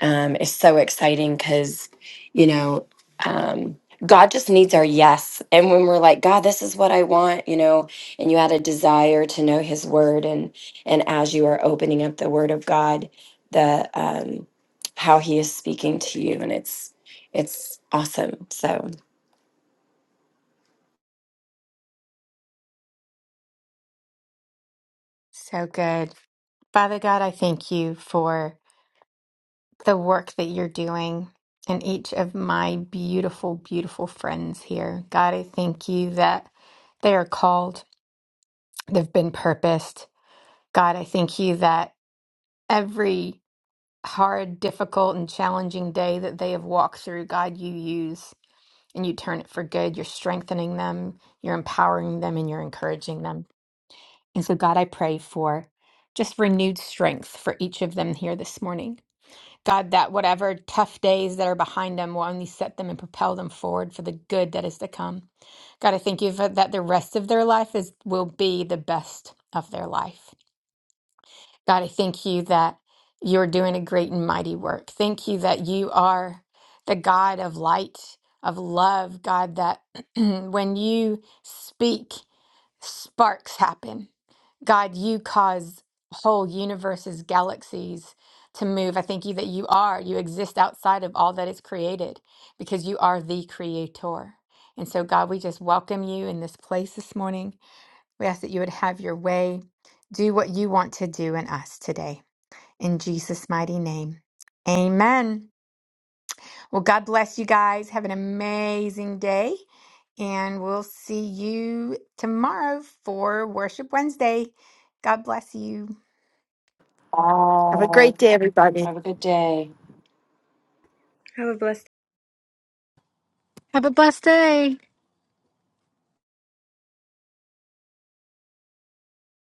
Speaker 5: um, is so exciting because, you know, um, God just needs our yes. And when we're like, God, this is what I want, you know, and you had a desire to know His Word, and and as you are opening up the Word of God, the um, how He is speaking to you, and it's it's awesome. So,
Speaker 1: So good. Father God, I thank you for. the work that you're doing and each of my beautiful, beautiful friends here. God, I thank you that they are called, they've been purposed. God, I thank you that every hard, difficult, and challenging day that they have walked through, God, you use and you turn it for good. You're strengthening them, you're empowering them, and you're encouraging them. And so, God, I pray for just renewed strength for each of them here this morning. God, that whatever tough days that are behind them will only set them and propel them forward for the good that is to come. God, I thank you for that the rest of their life is will be the best of their life. God, I thank you that you're doing a great and mighty work. Thank you that you are the God of light, of love, God, that when you speak, sparks happen. God, you cause whole universes, galaxies to move. I thank you that you are, you exist outside of all that is created because you are the creator. And so, God, we just welcome you in this place this morning. We ask that you would have your way, do what you want to do in us today. In Jesus' mighty name, amen. Well, God bless you guys. Have an amazing day. And we'll see you tomorrow for Worship Wednesday. God bless you.
Speaker 7: Have a great
Speaker 5: oh,
Speaker 7: day, everybody.
Speaker 5: have a good day.
Speaker 2: Have a blessed day.